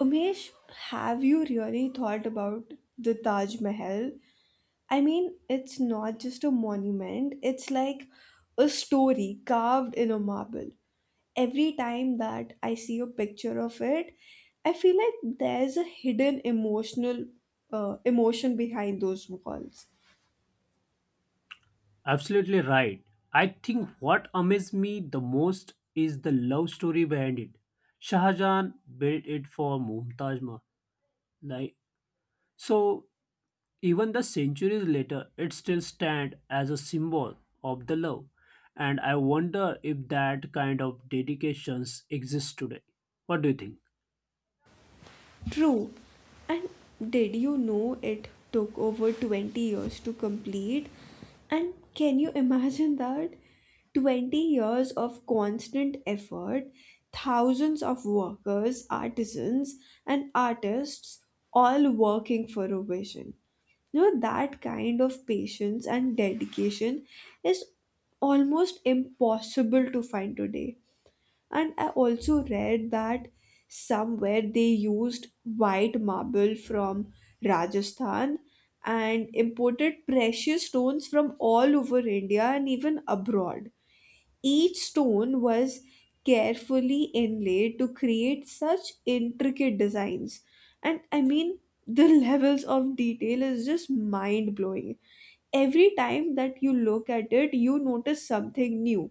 Umesh, have you really thought about the Taj Mahal? I mean, it's not just a monument, it's like a story carved in a marble. Every time that I see a picture of it, I feel like there's a hidden emotion behind those walls. Absolutely right. I think what amazed me the most is the love story behind it. Shah Jahan built it for Mumtaz Mahal. Like so, Even the centuries later, it still stands as a symbol of the love. And I wonder if that kind of dedications exist today. What do you think? True. And did you know it took over 20 years to complete? And can you imagine that? 20 years of constant effort, thousands of workers, artisans, and artists all working for a vision. You know, that kind of patience and dedication is almost impossible to find today, and I also read that somewhere they used white marble from Rajasthan and imported precious stones from all over India and even abroad. Each stone was carefully inlaid to create such intricate designs. And I mean, the levels of detail is just mind blowing. Every time that you look at it you notice something new.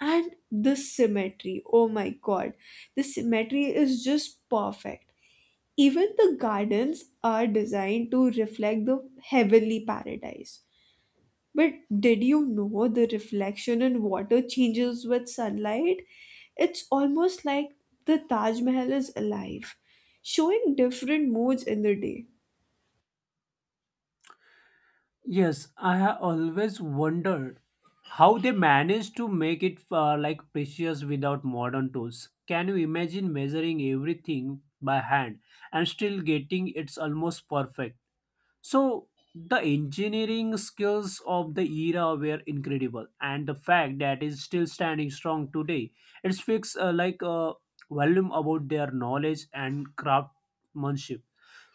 And the symmetry, oh my god, the symmetry is just perfect. Even the gardens are designed to reflect the heavenly paradise. But did you know the reflection in water changes with sunlight? It's almost like the Taj Mahal is alive, showing different moods in the day. Yes, I have always wondered how they managed to make it like precious without modern tools. Can you imagine measuring everything by hand and still getting it's almost perfect? So the engineering skills of the era were incredible, and the fact that it's still standing strong today, it speaks like a volume about their knowledge and craftsmanship.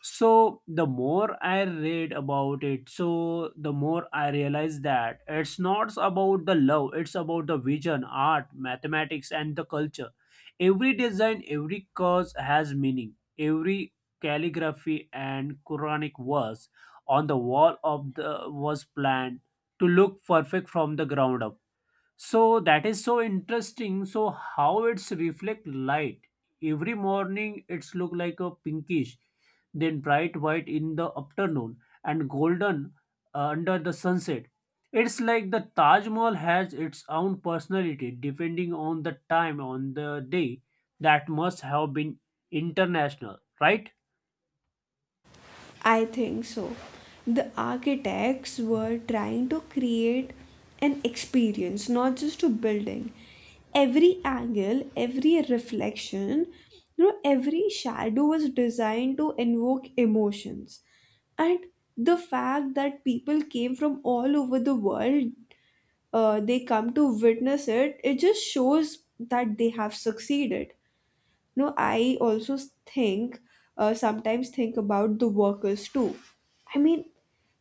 So the more I read about it, so the more I realize that it's not about the love, it's about the vision, art, mathematics, and the culture. Every design, every cause has meaning. Every calligraphy and Quranic verse on the wall of the was planned to look perfect from the ground up. So that is so interesting, so how it's reflect light every morning it's look like a pinkish, then bright white in the afternoon, and golden under the sunset. It's like the Taj Mahal has its own personality depending on the time on the day. That must have been international, right? I think so. The architects were trying to create an experience, not just a building. Every angle, every reflection, every shadow was designed to invoke emotions. And the fact that people came from all over the world, they come to witness it, it just shows that they have succeeded. No, I also think, sometimes think about the workers too. I mean,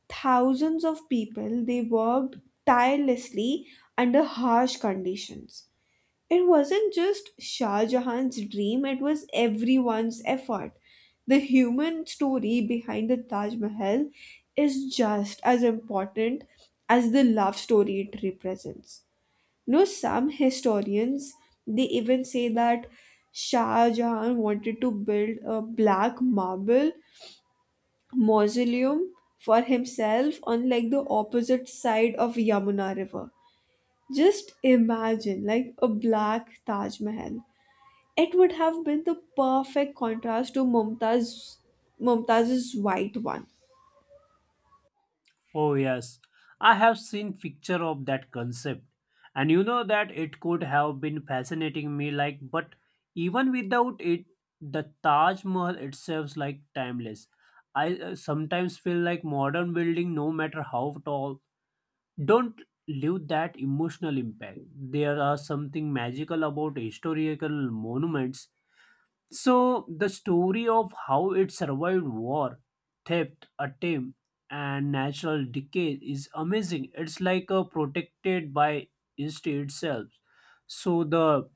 thousands of people, they worked tirelessly under harsh conditions. It wasn't just Shah Jahan's dream, it was everyone's effort. The human story behind the Taj Mahal is just as important as the love story it represents. No, some historians they even say that Shah Jahan wanted to build a black marble mausoleum for himself on like the opposite side of Yamuna River. Just imagine like a black Taj Mahal. It would have been the perfect contrast to Mumtaz's white one. Oh yes, I have seen picture of that concept. And you know that it could have been fascinating me like, but even without it the Taj Mahal itself like timeless. I sometimes feel like modern building no matter how tall don't leave that emotional impact. There are something magical about historical monuments. So the story of how it survived war, theft, attempt, and natural decay is amazing. It's like a protected by history itself. So the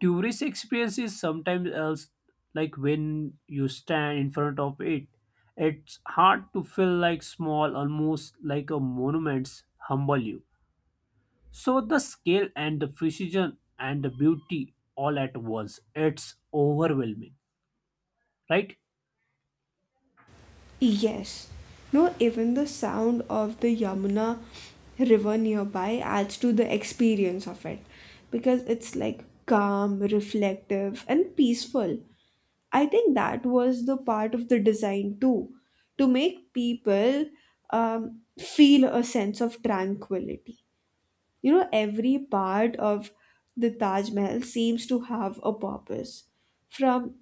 tourist experience is sometimes else, like when you stand in front of it. It's hard to feel like small, almost like a monuments humble you. So the scale and the precision and the beauty all at once. It's overwhelming, right? Yes. No, even the sound of the Yamuna river nearby adds to the experience of it, because it's like calm, reflective, and peaceful. I think that was the part of the design too, to make people feel a sense of tranquility. You know, every part of the Taj Mahal seems to have a purpose. From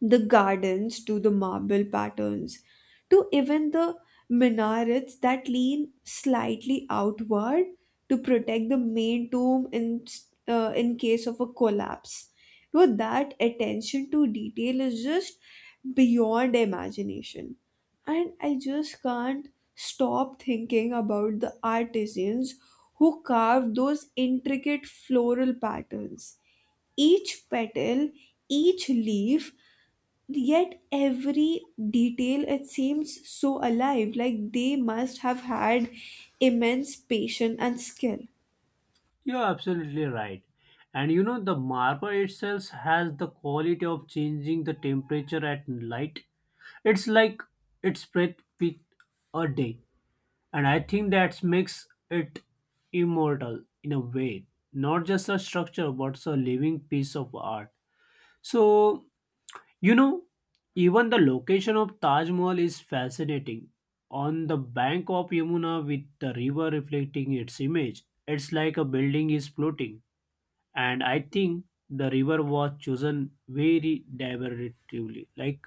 the gardens to the marble patterns to even the minarets that lean slightly outward to protect the main tomb in, in case of a collapse. You, that attention to detail is just beyond imagination, and I just can't stop thinking about the artisans who carved those intricate floral patterns. Each petal, each leaf, yet every detail, it seems so alive, like they must have had immense patience and skill. You're absolutely right. And you know, the marble itself has the quality of changing the temperature at light. It's like it's breath with a day. And I think that makes it immortal in a way. Not just a structure, but a living piece of art. So, you know, even the location of Taj Mahal is fascinating. On the bank of Yamuna with the river reflecting its image, it's like a building is floating. And I think the river was chosen very deliberately, like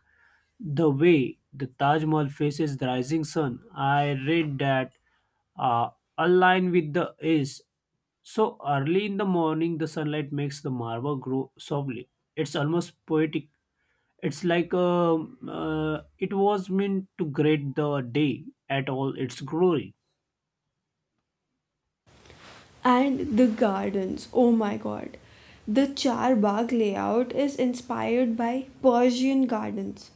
the way the Taj Mahal faces the rising sun. I read that uh, align with the east, so early in the morning the sunlight makes the marble grow softly. It's almost poetic. It's like it was meant to greet the day at all its glory. And the gardens, oh my god, the charbagh layout is inspired by Persian gardens.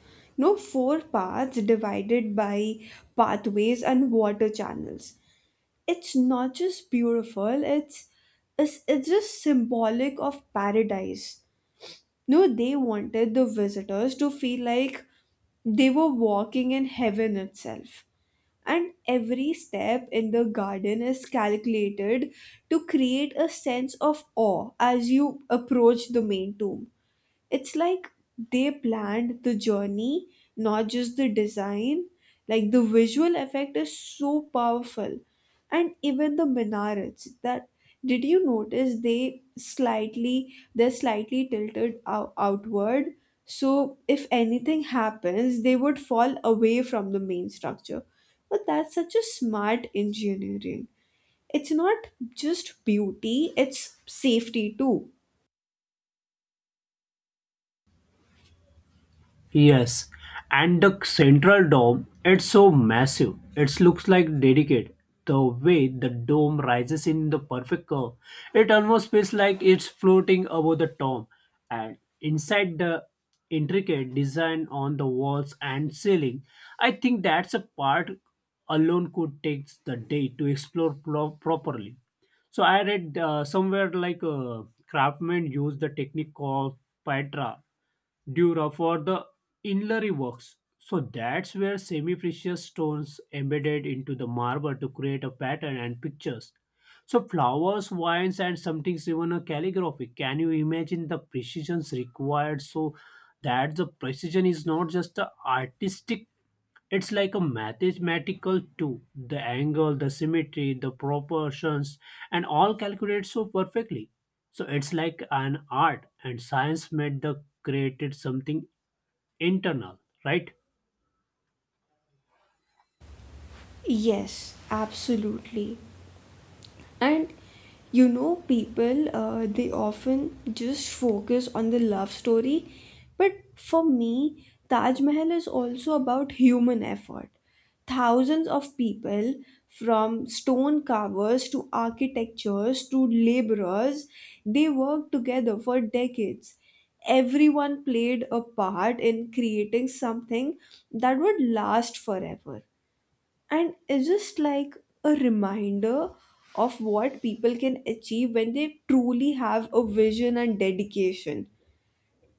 No, four paths divided by pathways and water channels. It's not just beautiful, it's just symbolic of paradise. No, they wanted the visitors to feel like they were walking in heaven itself, and every step in the garden is calculated to create a sense of awe as you approach the main tomb. It's like they planned the journey, not just the design. Like the visual effect is so powerful. And even the minarets, that, did you notice they're slightly tilted outward, so if anything happens they would fall away from the main structure? But that's such a smart engineering. It's not just beauty, it's safety too. Yes, and the central dome, it's so massive. It looks like dedicated. The way the dome rises in the perfect curve, it almost feels like it's floating above the dome. And inside the intricate design on the walls and ceiling, I think that's a part alone could take the day to explore properly. So I read somewhere like craftsmen use the technique called Petra Dura for the inlary works. So that's where semi precious stones embedded into the marble to create a pattern and pictures. So flowers, wines, and sometimes even a calligraphy. Can you imagine the precisions required? So that the precision is not just the artistic? It's like a mathematical too. The angle, the symmetry, the proportions, and all calculated so perfectly. So it's like an art, and science made the created something internal, right? Yes, absolutely. And you know, people, they often just focus on the love story. But for me, Taj Mahal is also about human effort. Thousands of people, from stone carvers to architectures to laborers, they worked together for decades. Everyone played a part in creating something that would last forever. And it's just like a reminder of what people can achieve when they truly have a vision and dedication.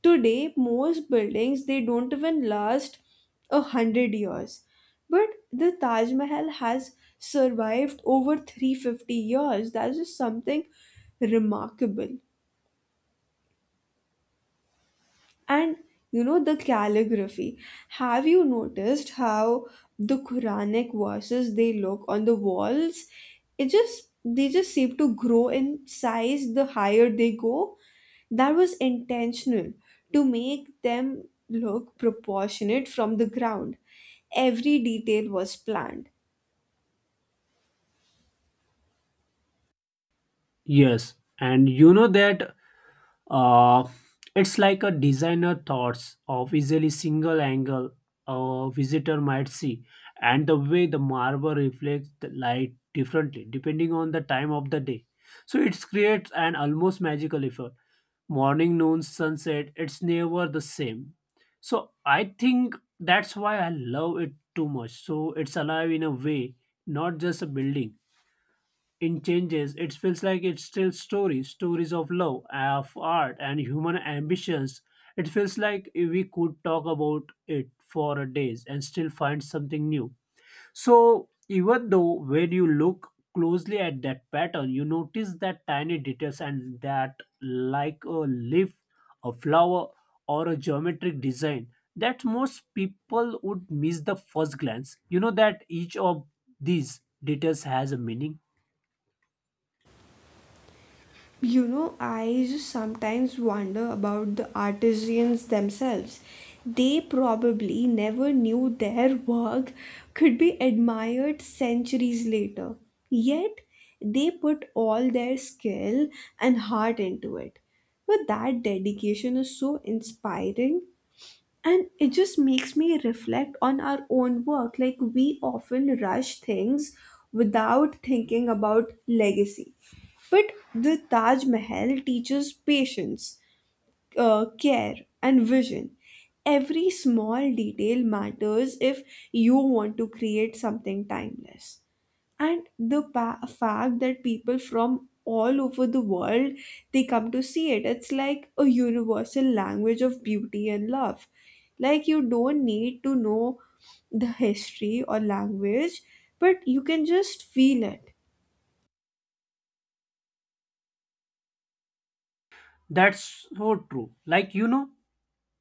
Today most buildings, they don't even last 100 years, but the Taj Mahal has survived over 350 years. That's just something remarkable. And you know, the calligraphy, have you noticed how the Quranic verses they look on the walls? It just they just seem to grow in size the higher they go. That was intentional, to make them look proportionate from the ground. Every detail was planned. Yes, and you know that. Uh, it's like a designer thoughts of easily single angle a visitor might see, and the way the marble reflects the light differently depending on the time of the day. So it creates an almost magical effect. Morning, noon, sunset, it's never the same. So I think that's why I love it too much. So it's alive in a way, not just a building in changes. It feels like it's still stories of love, of art, and human ambitions. It feels like we could talk about it for days and still find something new. So even though when you look closely at that pattern you notice that tiny details, and that like a leaf, a flower, or a geometric design that most people would miss the first glance. You know that each of these details has a meaning. You know, I just sometimes wonder about the artisans themselves. They probably never knew their work could be admired centuries later. Yet, they put all their skill and heart into it. But that dedication is so inspiring, and it just makes me reflect on our own work. Like we often rush things without thinking about legacy, but the Taj Mahal teaches patience, care, and vision. Every small detail matters if you want to create something timeless. And the fact that people from all over the world, they come to see it, it's like a universal language of beauty and love. Like you don't need to know the history or language, but you can just feel it. That's so true. Like, you know,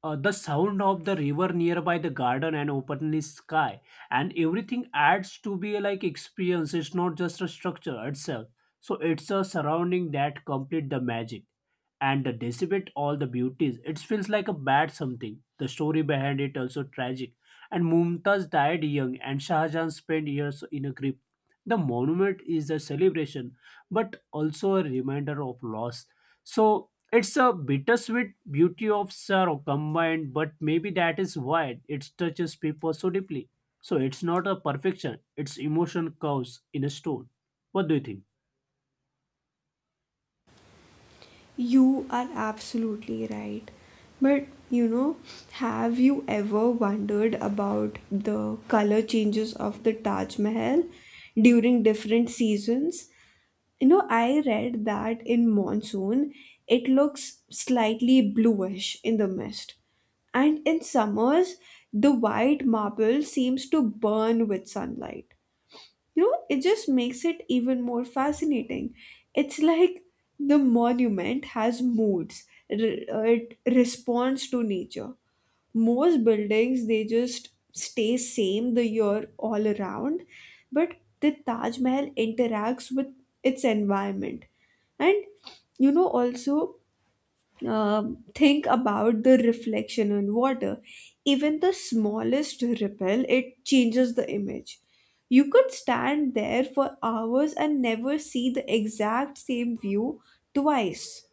the sound of the river nearby, the garden, and openly sky, and everything adds to be a, like experience. It's not just a structure itself. So it's a surrounding that complete the magic and the dissipate all the beauties. It feels like a bad something. The story behind it also tragic. And Mumtaz died young and Shah Jahan spent years in a grip. The monument is a celebration but also a reminder of loss. So it's a bittersweet beauty of sorrow combined, but maybe that is why it touches people so deeply. So it's not a perfection, it's emotion curves in a stone. What do you think? You are absolutely right. But you know, have you ever wondered about the color changes of the Taj Mahal during different seasons? You know, I read that in monsoon it looks slightly bluish in the mist, and in summers the white marble seems to burn with sunlight. You know, it just makes it even more fascinating. It's like the monument has moods. It responds to nature. Most buildings they just stay same the year all around, but the Taj Mahal interacts with its environment. And you know also, uh, think about the reflection on water. Even the smallest ripple, it changes the image. You could stand there for hours and never see the exact same view twice.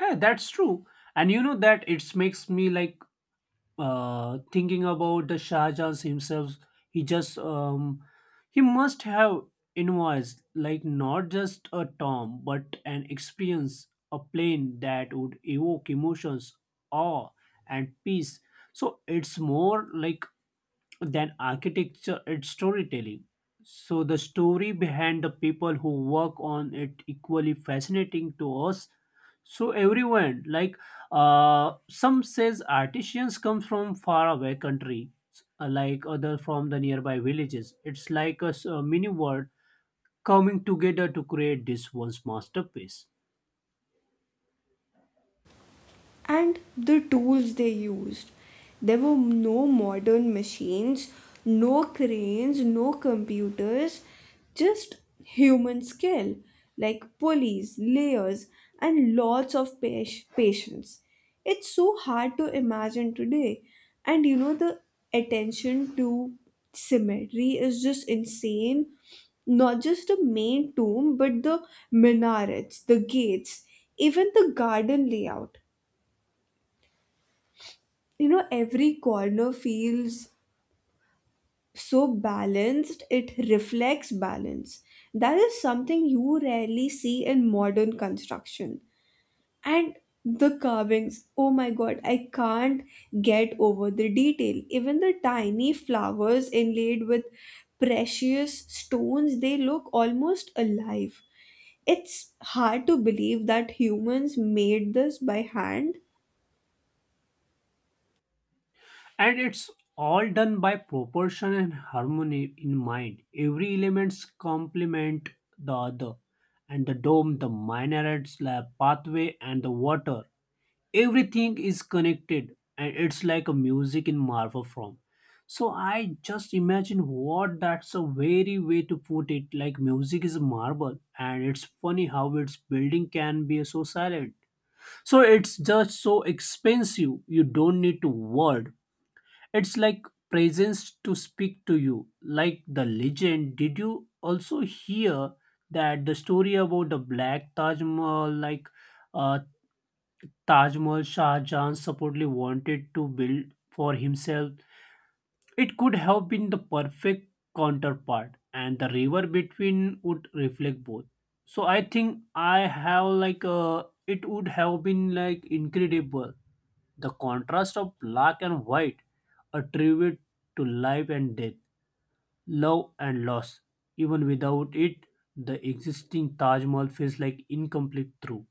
Eh, that's true. And you know that it makes me like thinking about the Shah Jahan himself, he just he must have invoiced like not just a term but an experience, a plane that would evoke emotions, awe, and peace. So it's more like than architecture, it's storytelling. So the story behind the people who work on it equally fascinating to us. So everyone like, some says artisans come from faraway away country, like other from the nearby villages. It's like a, a mini world coming together to create this one's masterpiece. And the tools they used. There were no modern machines, no cranes, no computers, just human skill, like pulleys, layers, and lots of patience. It's so hard to imagine today. And you know, the attention to symmetry is just insane. Not just the main tomb, but the minarets, the gates, even the garden layout. You know, every corner feels so balanced, it reflects balance. That is something you rarely see in modern construction. And the carvings, oh my god, I can't get over the detail. Even the tiny flowers inlaid with precious stones, they look almost alive. It's hard to believe that humans made this by hand. And it's all done by proportion and harmony in mind. Every elements complement the other, and the dome, the minaret, slab, pathway, and the water, everything is connected, and it's like a music in marvel form. So I just imagine what that's a very way to put it, like music is a marble. And it's funny how its building can be so silent. So it's just so expensive you don't need to worry. It's like presence to speak to you, like the legend. Did you also hear that the story about the black Taj Mahal, like uh, Taj Mahal Shah Jahan supposedly wanted to build for himself? It could have been the perfect counterpart, and the river between would reflect both. So I think I have like it would have been like incredible, the contrast of black and white, a tribute to life and death, love and loss. Even without it, the existing Taj Mahal feels like incomplete through.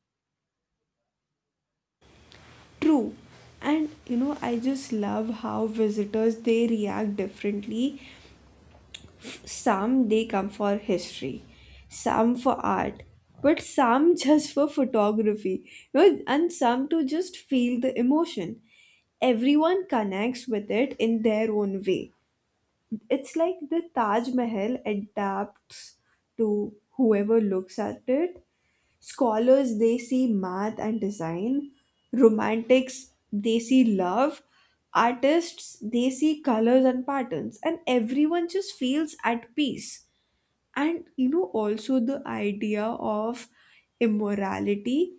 True. And you know, I just love how visitors they react differently. Some they come for history, some for art, but some just for photography. You know, and some to just feel the emotion. Everyone connects with it in their own way. It's like the Taj Mahal adapts to whoever looks at it. Scholars they see math and design, romantics they see love, artists they see colors and patterns, and everyone just feels at peace. And you know, also the idea of immorality,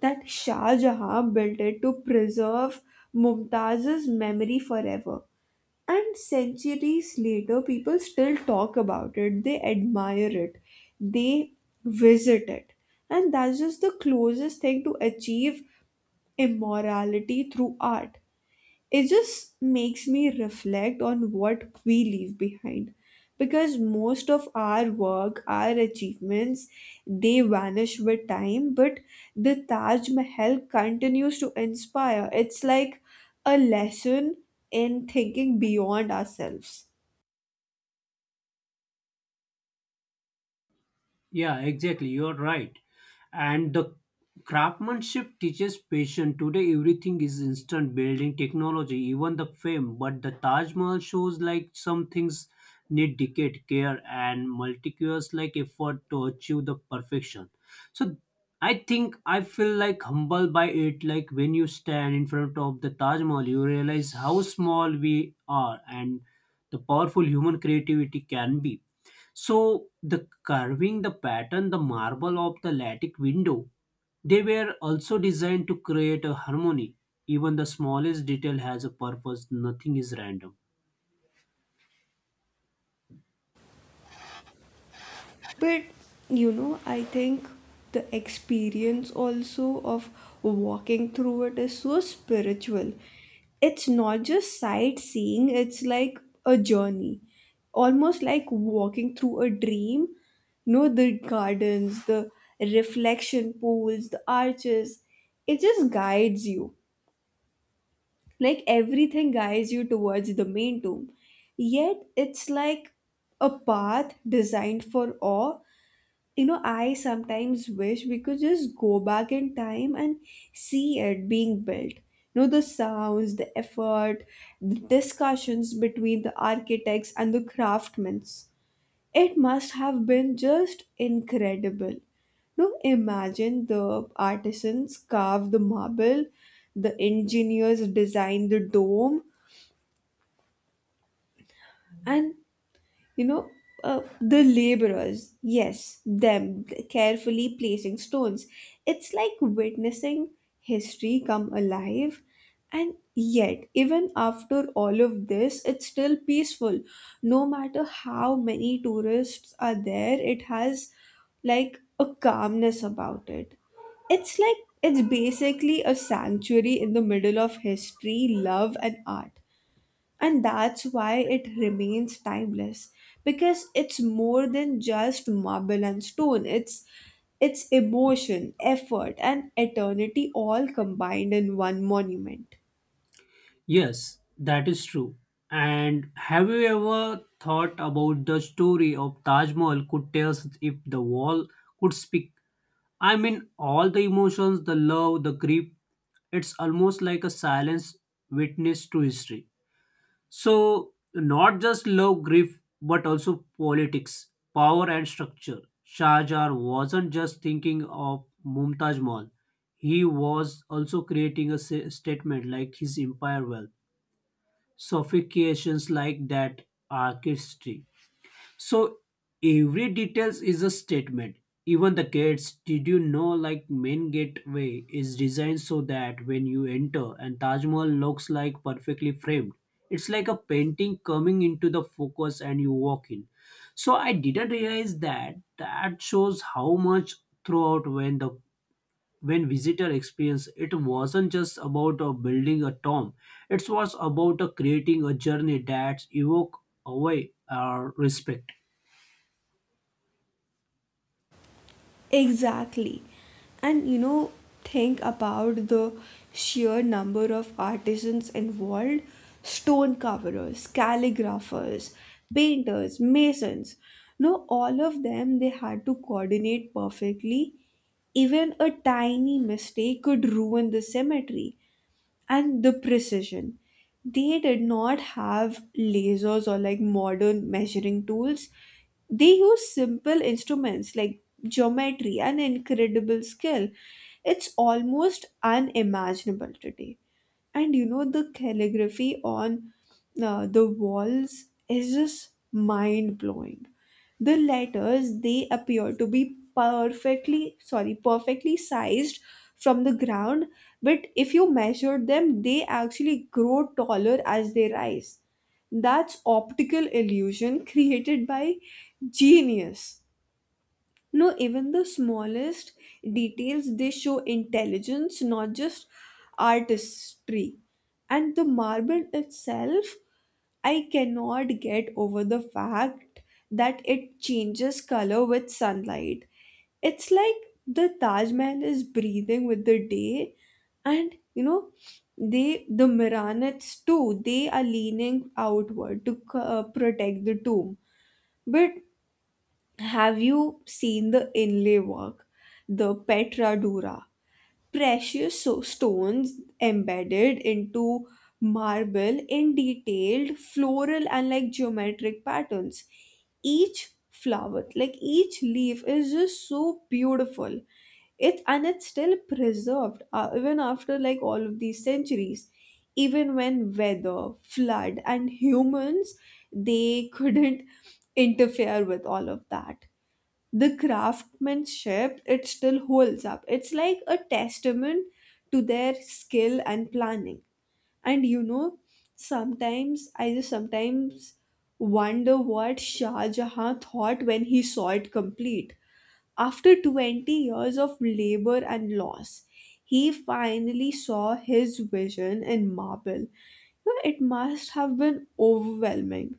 that Shah Jahan built it to preserve Mumtaz's memory forever. And centuries later, people still talk about it, they admire it, they visit it. And that's just the closest thing to achieve immorality through art. It just makes me reflect on what we leave behind, because most of our work, our achievements, they vanish with time. But the Taj Mahal continues to inspire. It's like a lesson in thinking beyond ourselves. Yeah, exactly. You're right. And the craftsmanship teaches patience. Today, everything is instant building technology, even the fame. But the Taj Mahal shows like some things need decade care and multicultural like effort to achieve the perfection. So I think I feel like humble by it. Like when you stand in front of the Taj Mahal, you realize how small we are and the powerful human creativity can be. So the carving, the pattern, the marble of the Latic window, they were also designed to create a harmony. Even the smallest detail has a purpose, nothing is random. But you know, I think the experience also of walking through it is so spiritual. It's not just sightseeing, it's like a journey. Almost like walking through a dream. No, the gardens, the reflection pools, the arches. It just guides you. Like everything guides you towards the main tomb. Yet it's like a path designed for awe. You know, I sometimes wish we could just go back in time and see it being built. You know, the sounds, the effort, the discussions between the architects and the craftsmen. It must have been just incredible. No, imagine the artisans carve the marble, the engineers design the dome, and you know, the laborers, yes, them carefully placing stones. It's like witnessing history come alive. And yet even after all of this it's still peaceful. No matter how many tourists are there, it has like a calmness about it. It's like it's basically a sanctuary in the middle of history, love, and art. And that's why it remains timeless, because it's more than just marble and stone. It's emotion, effort, and eternity all combined in one monument. Yes, that is true. And have you ever thought about the story of Taj Mahal could tell us if the wall could speak? I mean, all the emotions, the love, the grief, it's almost like a silence witness to history. So, not just love grief, but also politics, power, and structure. Shah Jahan wasn't just thinking of Mumtaz Mahal, he was also creating a statement like his empire wealth. Sophistications like that artistry, so every details is a statement. Even the gates, did you know like main gateway is designed so that when you enter and Taj Mahal looks like perfectly framed. It's like a painting coming into the focus and you walk in. So I didn't realize that that shows how much throughout when visitor experience it wasn't just about building a tomb, it was about creating a journey that evoke away our respect. Exactly. And you know, think about the sheer number of artisans involved. Stone carvers, calligraphers, painters, masons. No, all of them they had to coordinate perfectly. Even a tiny mistake could ruin the cemetery and the precision. They did not have lasers or like modern measuring tools. They used simple instruments like geometry and incredible skill. It's almost unimaginable today. And you know, the calligraphy on, the walls is just mind blowing. The letters they appear to be perfectly sized from the ground, but if you measure them they actually grow taller as they rise. That's optical illusion created by genius. No, even the smallest details, they show intelligence, not just artistry. And the marble itself, I cannot get over the fact that it changes color with sunlight. It's like the Taj Mahal is breathing with the day. And you know, the Miranaths too, they are leaning outward to, protect the tomb. But have you seen the inlay work, the Petra Dura? Precious stones embedded into marble in detailed floral and like geometric patterns. Each flower, like each leaf, is just so beautiful. It's still preserved, even after like all of these centuries. Even when weather, flood, and humans they couldn't interfere with all of that, the craftsmanship it still holds up. It's like a testament to their skill and planning. And you know, sometimes I just sometimes wonder what Shah Jahan thought when he saw it complete. After 20 years of labor and loss, he finally saw his vision in marble. You know, it must have been overwhelming.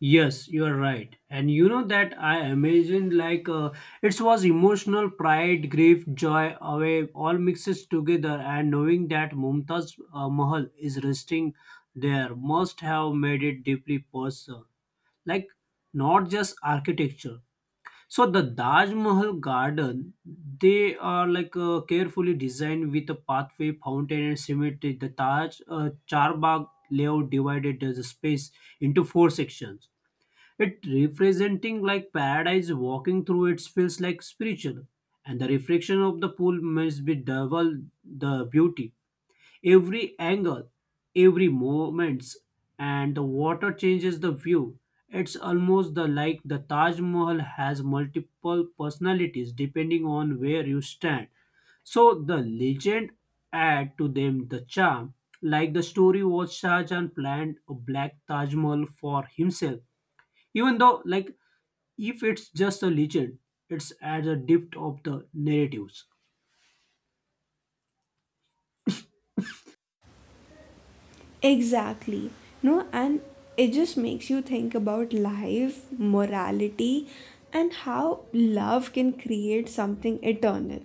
Yes, you are right. And you know that I imagined like it was emotional pride, grief, joy, away, all mixes together. And knowing that Mumtaz Mahal is resting there must have made it deeply personal, like not just architecture. So the Taj Mahal garden, they are like carefully designed with a pathway, fountain, and cemetery. The Taj Charbagh layout divided the space into four sections, it representing like paradise. Walking through it feels like spiritual, and the reflection of the pool must be double the beauty. Every angle, every moments, and the water changes the view. It's almost the like the Taj Mahal has multiple personalities depending on where you stand. So the legend add to them the charm. Like the story was Shah Jahan planned a black Taj Mahal for himself. Even though like if it's just a legend, it's at the depth of the narratives. Exactly. No, and it just makes you think about life, morality, and how love can create something eternal.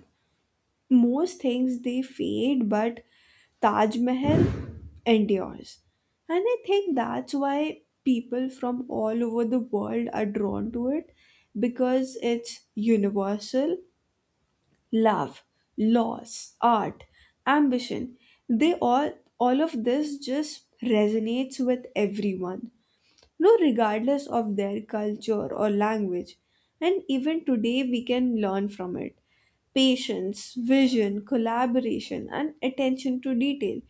Most things they fade, but Taj Mahal endures. And I think that's why people from all over the world are drawn to it, because it's universal. Love, loss, art, ambition. They all of this just resonates with everyone, no regardless of their culture or language. And even today we can learn from it: patience, vision, collaboration, and attention to detail.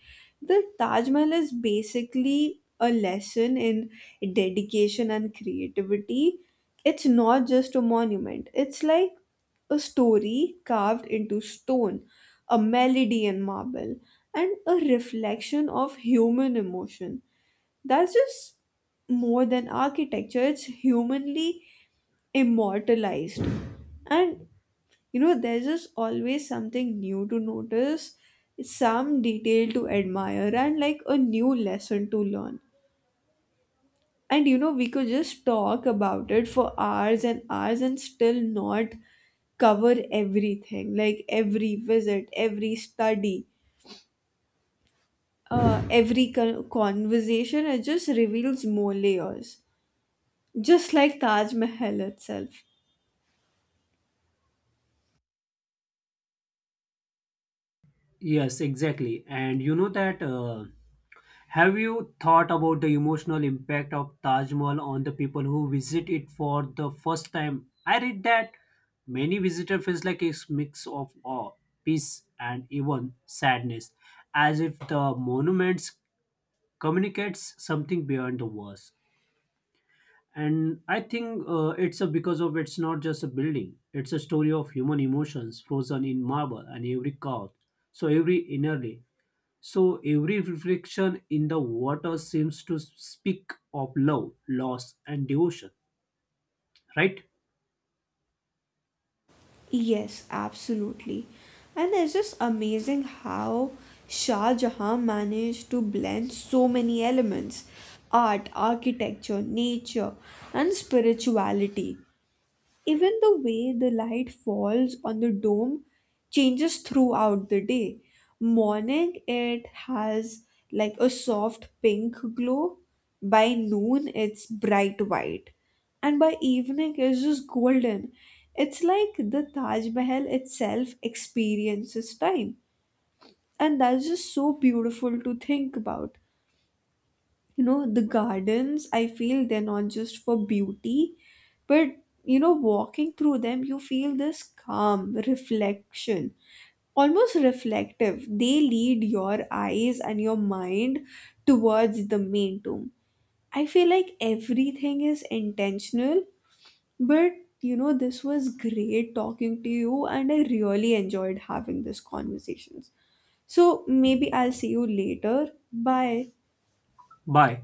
The Taj Mahal is basically a lesson in dedication and creativity. It's not just a monument, it's like a story carved into stone, a melody in marble, and a reflection of human emotion. That's just more than architecture, it's humanly immortalized. And you know, there's just always something new to notice, some detail to admire, and like a new lesson to learn. And you know, we could just talk about it for hours and hours and still not cover everything. Like every visit, every study, every conversation. It just reveals more layers. Just like Taj Mahal itself. Yes, exactly. And you know that. Have you thought about the emotional impact of Taj Mahal on the people who visit it for the first time? I read that many visitor feels like a mix of awe, peace, and even sadness, as if the monuments communicates something beyond the walls. And I think it's a because of it's not just a building; it's a story of human emotions frozen in marble and every curve, so every innerly, so every reflection in the water seems to speak of love, loss, and devotion. Right? Yes, absolutely. And it's just amazing how Shah Jahan managed to blend so many elements: art, architecture, nature, and spirituality. Even the way the light falls on the dome changes throughout the day. Morning, it has like a soft pink glow. By noon, it's bright white. And by evening, it's just golden. It's like the Taj Mahal itself experiences time. And that's just so beautiful to think about. You know, the gardens, I feel they're not just for beauty, but you know, walking through them you feel this calm reflection, almost reflective. They lead your eyes and your mind towards the main tomb. I feel like everything is intentional. But you know, this was great talking to you and I really enjoyed having these conversations. So maybe I'll see you later. Bye. Bye.